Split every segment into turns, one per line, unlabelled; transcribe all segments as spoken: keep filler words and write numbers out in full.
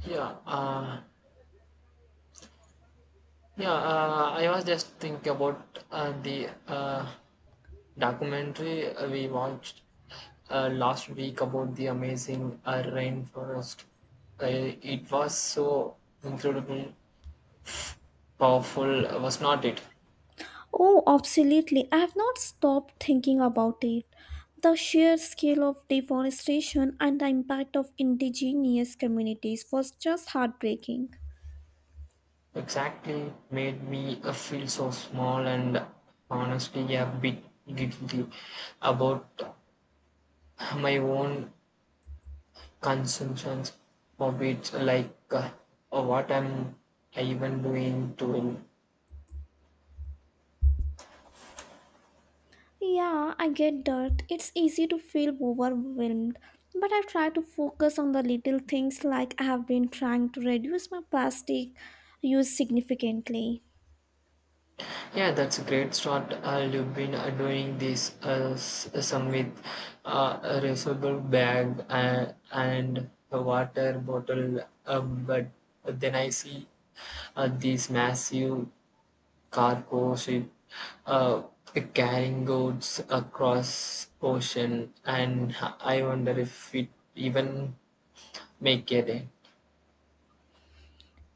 Yeah, uh, yeah. Uh, I was just thinking about uh, the uh, documentary uh, we watched uh, last week about the amazing uh, rainforest. Uh, it was so incredible, powerful, uh, was not it?
Oh, absolutely. I have not stopped thinking about it. The sheer scale of deforestation and the impact of indigenous communities was just heartbreaking.
Exactly, made me uh, feel so small and honestly a bit guilty about my own consumptions habits like uh, uh, what am I even doing doing
Yeah, I get that. It's easy to feel overwhelmed, but I try to focus on the little things like I have been trying to reduce my plastic use significantly.
Yeah, that's a great start. Uh, you've been uh, doing this uh, s- some with uh, a reusable bag uh, and a water bottle uh, but then I see uh, these massive cargo ship uh, carrying goods across ocean and I wonder if it even make a dent.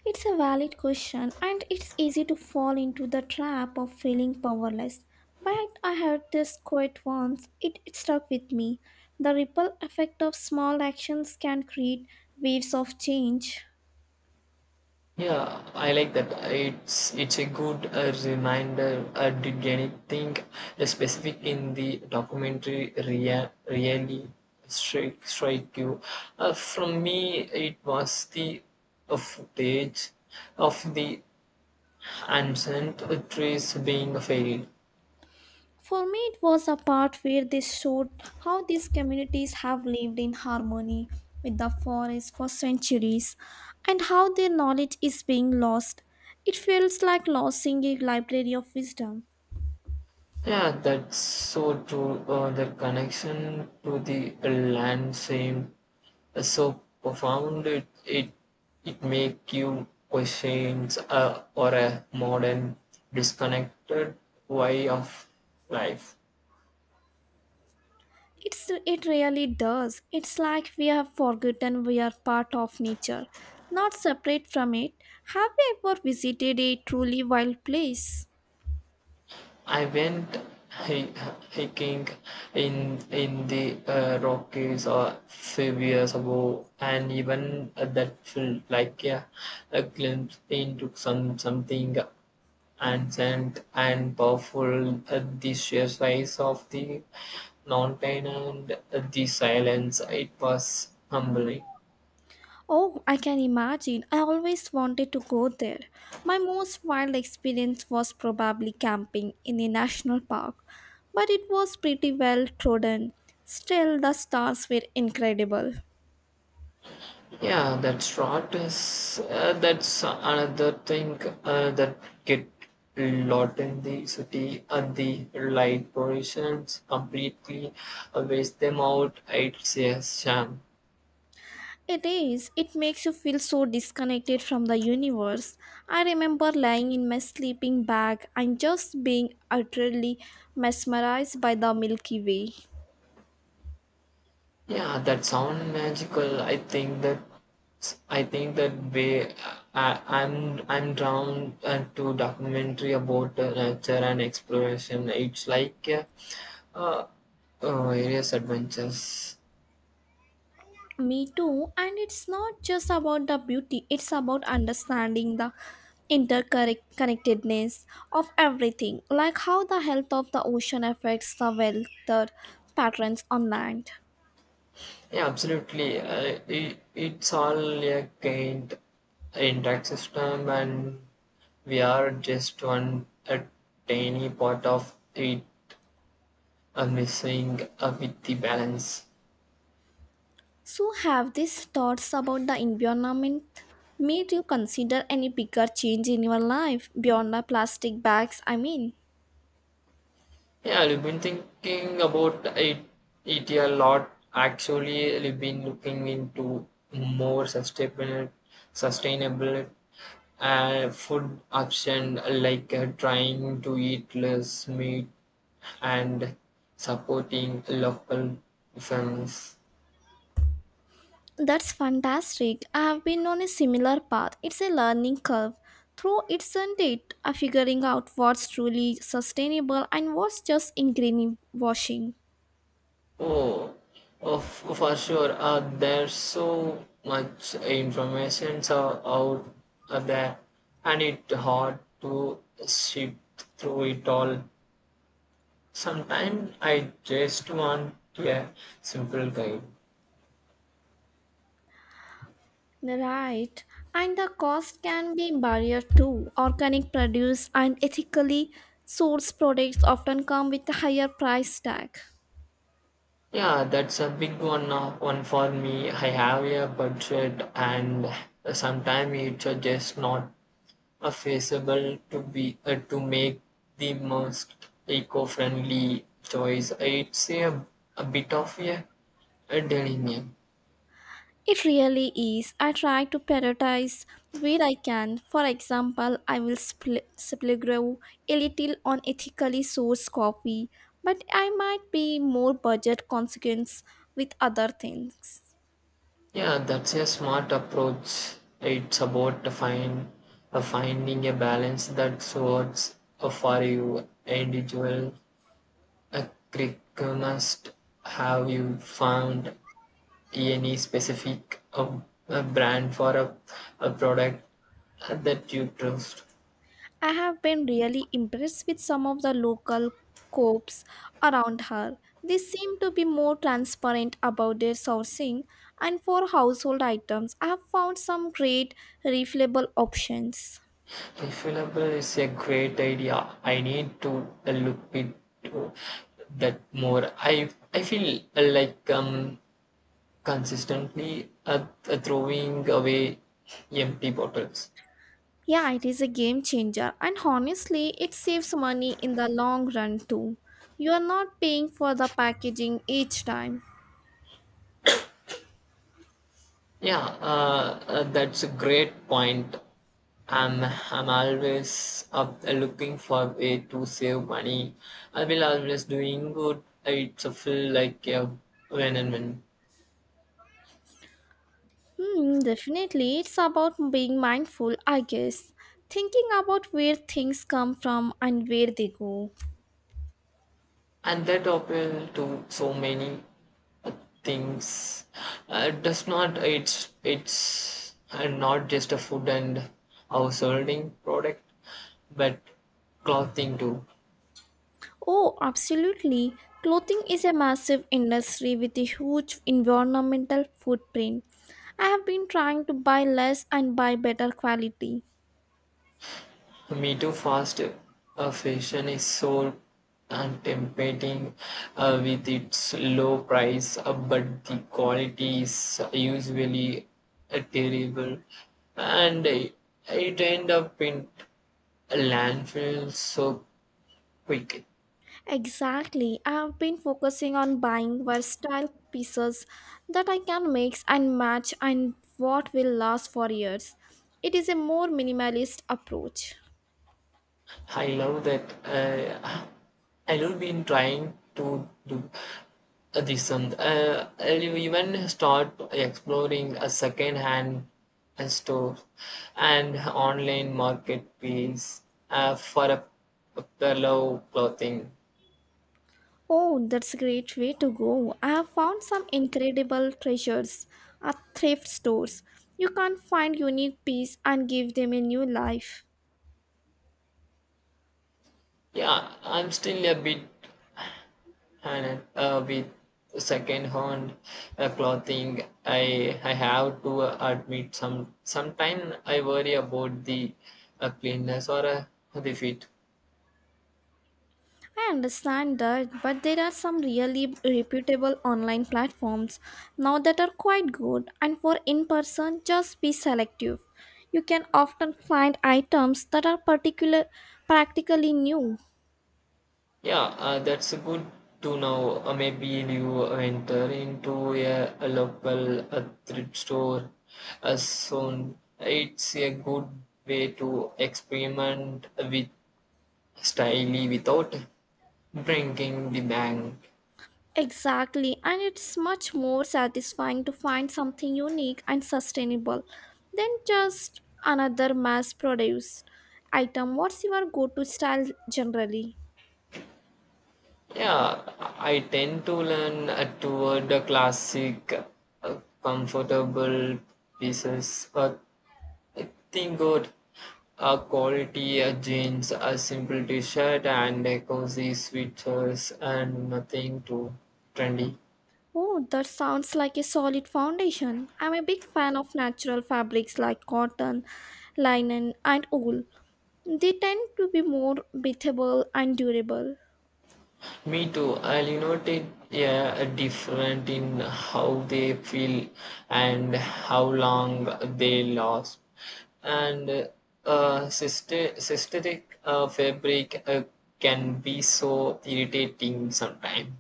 It's a valid question, and it's easy to fall into the trap of feeling powerless. But I heard this quote once, it, it stuck with me. The ripple effect of small actions can create waves of change.
Yeah, I like that. It's it's a good uh, reminder. Uh, did anything specific in the documentary rea- really strike strike you? Uh, from me, it was the uh, footage of the ancient trees being felled.
For me, it was a part where they showed how these communities have lived in harmony with the forest for centuries and how their knowledge is being lost. It feels like losing a library of wisdom.
Yeah, that's so true. Uh, the connection to the land same. So profound it it, it make you questions uh, or a modern disconnected way of life.
It's it really does. It's like we have forgotten we are part of nature, not separate from it. Have you ever visited a truly wild place?
I went hi- hiking in in the uh, Rockies or few years ago and even uh, that felt like a, a glimpse into some something ancient and powerful, uh, the sheer size of the mountain and uh, the silence, it was humbling.
Oh, I can imagine. I always wanted to go there. My most wild experience was probably camping in a national park, but it was pretty well trodden. Still, the stars were incredible.
Yeah, that's right. Is, uh, that's another thing uh, that get lot in the city and the light pollutions completely uh, waste them out. It's a sham.
It is. It makes you feel so disconnected from the universe. I remember lying in my sleeping bag and just being utterly mesmerized by the Milky Way.
Yeah, that sound magical. I think that I think that way I, I'm I'm drawn uh, to documentary about uh, nature and exploration. It's like uh, uh, uh, various adventures.
Me too. And it's not just about the beauty, it's about understanding the interconnectedness of everything, like how the health of the ocean affects the weather patterns on land.
Yeah, absolutely. Uh, it, it's all a kind intact system, and we are just one a tiny part of it, uh, missing uh, with the balance.
So, have these thoughts about the environment made you consider any bigger change in your life beyond the plastic bags? I mean,
Yeah, I've been thinking about it, it a lot. Actually, I've been looking into more sustainable, sustainable uh, food option, like uh, trying to eat less meat and supporting local farms.
that's fantastic. I have been on a similar path. It's a learning curve. Through it, isn't it? A figuring out what's truly sustainable and what's just ingrained washing.
Oh, of for sure. Uh, there's so much information so out uh, there, and it's hard to sift through it all. Sometimes I just want a simple guide.
Right. And the cost can be barrier too. Organic produce and ethically sourced products often come with a higher price tag.
Yeah, that's a big one. Uh, one for me. I have a budget, and sometimes it's uh, just not are feasible to be uh, to make the most eco-friendly choice. I'd say a, a bit of a, a delirium.
It really is. I try to prioritize where I can. For example, I will spl- simply grow a little on ethically sourced coffee, but I might be more budget consequence with other things.
Yeah, that's a smart approach. It's about to find uh, finding a balance that works uh, for you individual. A criconist, have you found any specific uh, uh brand for a, a product uh, that you trust?
I have been really impressed with some of the local coops around her. They seem to be more transparent about their sourcing, and for household items, I have found some great refillable options.
Refillable is a great idea. I need to look into that more. I I feel like um consistently uh, uh, throwing away empty bottles.
Yeah, it is a game changer, and honestly, it saves money in the long run too. You are not paying for the packaging each time.
Yeah, uh, uh, that's a great point. I'm I'm always up uh, looking for a way to save money. I will always doing good. It's a feel like a win and win.
Hmm, definitely, it's about being mindful, I guess. Thinking about where things come from and where they go.
And that appeal to so many uh, things, uh, does not it's it's uh, not just a food and householding product but clothing too.
Oh, absolutely. Clothing is a massive industry with a huge environmental footprint. I have been trying to buy less and buy better quality.
Me too. Fast uh, fashion is so tempting uh, with its low price uh, but the quality is usually uh, terrible and it, it end up in landfills so quick.
Exactly. I've been focusing on buying versatile pieces that I can mix and match and what will last for years. It is a more minimalist approach.
I love that. Uh, I love been trying to do uh, this and uh, I'll even start exploring a second-hand uh, store and online marketplace uh, for a, a pillow clothing.
Oh, that's a great way to go. I have found some incredible treasures at thrift stores. You can find unique pieces and give them a new life.
Yeah, I'm still a bit and uh, with second-hand uh, clothing, I I have to admit some sometime I worry about the uh, cleanness or uh, the fit.
I understand that, but there are some really reputable online platforms now that are quite good, and for in person, just be selective. You can often find items that are particular practically new.
Yeah, uh, that's good to know. Uh, maybe you enter into a, a local uh, thrift store uh, soon. It's a good way to experiment with style without breaking the bank.
Exactly, and it's much more satisfying to find something unique and sustainable than just another mass produced item. What's your go to style generally?
Yeah, I tend to lean uh, toward the classic, uh, comfortable pieces. Uh, think good, uh, quality uh, jeans, a simple t-shirt, and a cozy sweaters, and nothing too trendy.
Oh, that sounds like a solid foundation. I'm a big fan of natural fabrics like cotton, linen, and wool. They tend to be more breathable and durable.
Me too. I'll noted, yeah, different in how they feel and how long they last. And uh, sister, systematic uh, fabric uh, can be so irritating sometimes.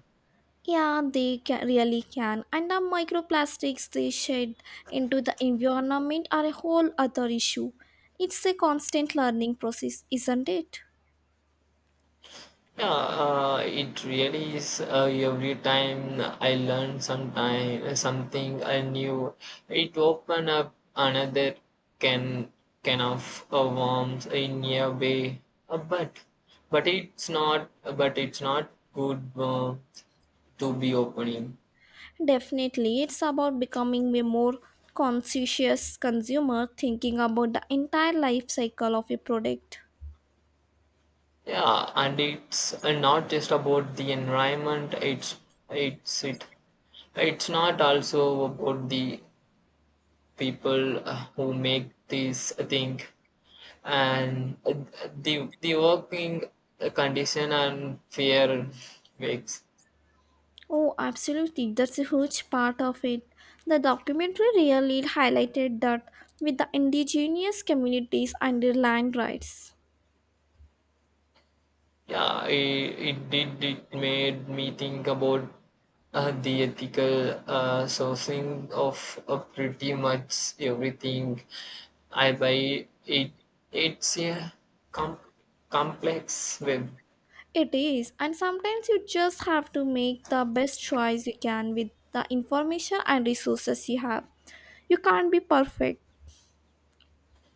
Yeah, they ca- really can. And the microplastics they shed into the environment are a whole other issue. It's a constant learning process, isn't it?
Yeah, uh, it really is. Uh, every time I learn sometime something I knew, it open up another can can of uh, worms in a way. Uh, but but it's not. But it's not good uh, to be opening.
Definitely, it's about becoming a more conscientious consumer, thinking about the entire life cycle of a product.
Yeah, and it's uh, not just about the environment. It's it's it. It's not also about the people uh, who make this thing and uh, the the working condition and fear wakes.
Oh, absolutely. That's a huge part of it. The documentary really highlighted that with the indigenous communities and their land rights.
Yeah, it, it did. It made me think about uh, the ethical uh, sourcing of uh, pretty much everything I buy. It it's a com- complex web.
It is, and sometimes you just have to make the best choice you can with the information and resources you have. You can't be perfect.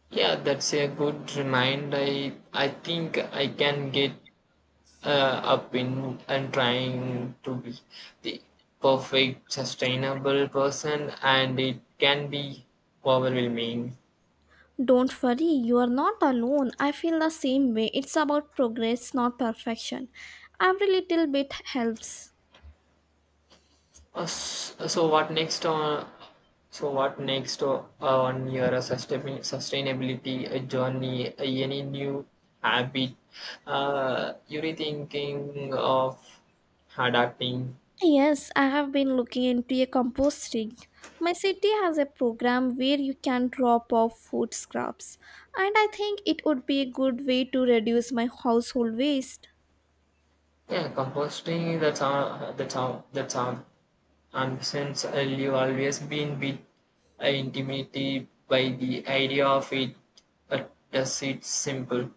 Yeah, that's a good reminder. I I think I can get uh, up in and trying to be the perfect sustainable person, and it can be overwhelming.
Don't worry, you are not alone. I feel the same way. It's about progress, not perfection. Every little bit helps.
Uh, s- uh, so what next on so what next o- uh, on your sustain- sustainability uh, journey. Uh, any new habit uh, you're thinking of adapting?
Yes, I have been looking into a composting. My city has a program where you can drop off food scraps, and I think it would be a good way to reduce my household waste.
Yeah, composting, that's all that's all that's all And since I've always been a bit intimidated by the idea of it, uh, does it simple?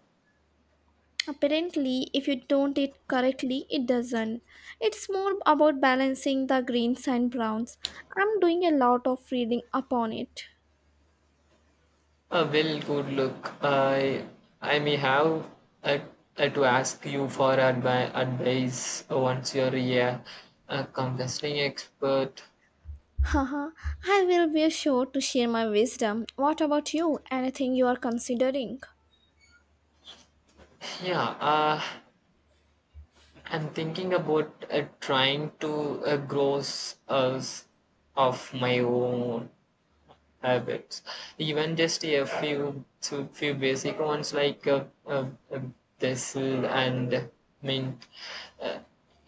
Apparently, if you don't it correctly, it doesn't. It's more about balancing the greens and browns. I'm doing a lot of reading upon it.
Uh, well, good look. I I may have uh, uh, to ask you for advi- advice once you're a, a consulting expert.
Haha, I will be sure to share my wisdom. What about you? Anything you are considering?
Yeah, uh, I'm thinking about uh, trying to uh, grow s- uh, s- of my own habits, even just a few to few basic ones like uh, uh, uh, basil and mint.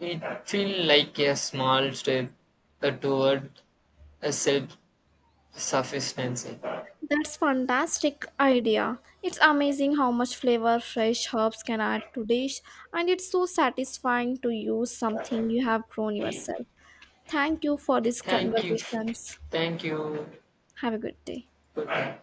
It feels like a small step uh, toward a self sufficiency.
That's fantastic idea. It's amazing how much flavor fresh herbs can add to dish and it's so satisfying to use something you have grown yourself. Thank you for these
Thank you,
conversations.
thank you.
Have a good day.
Good night.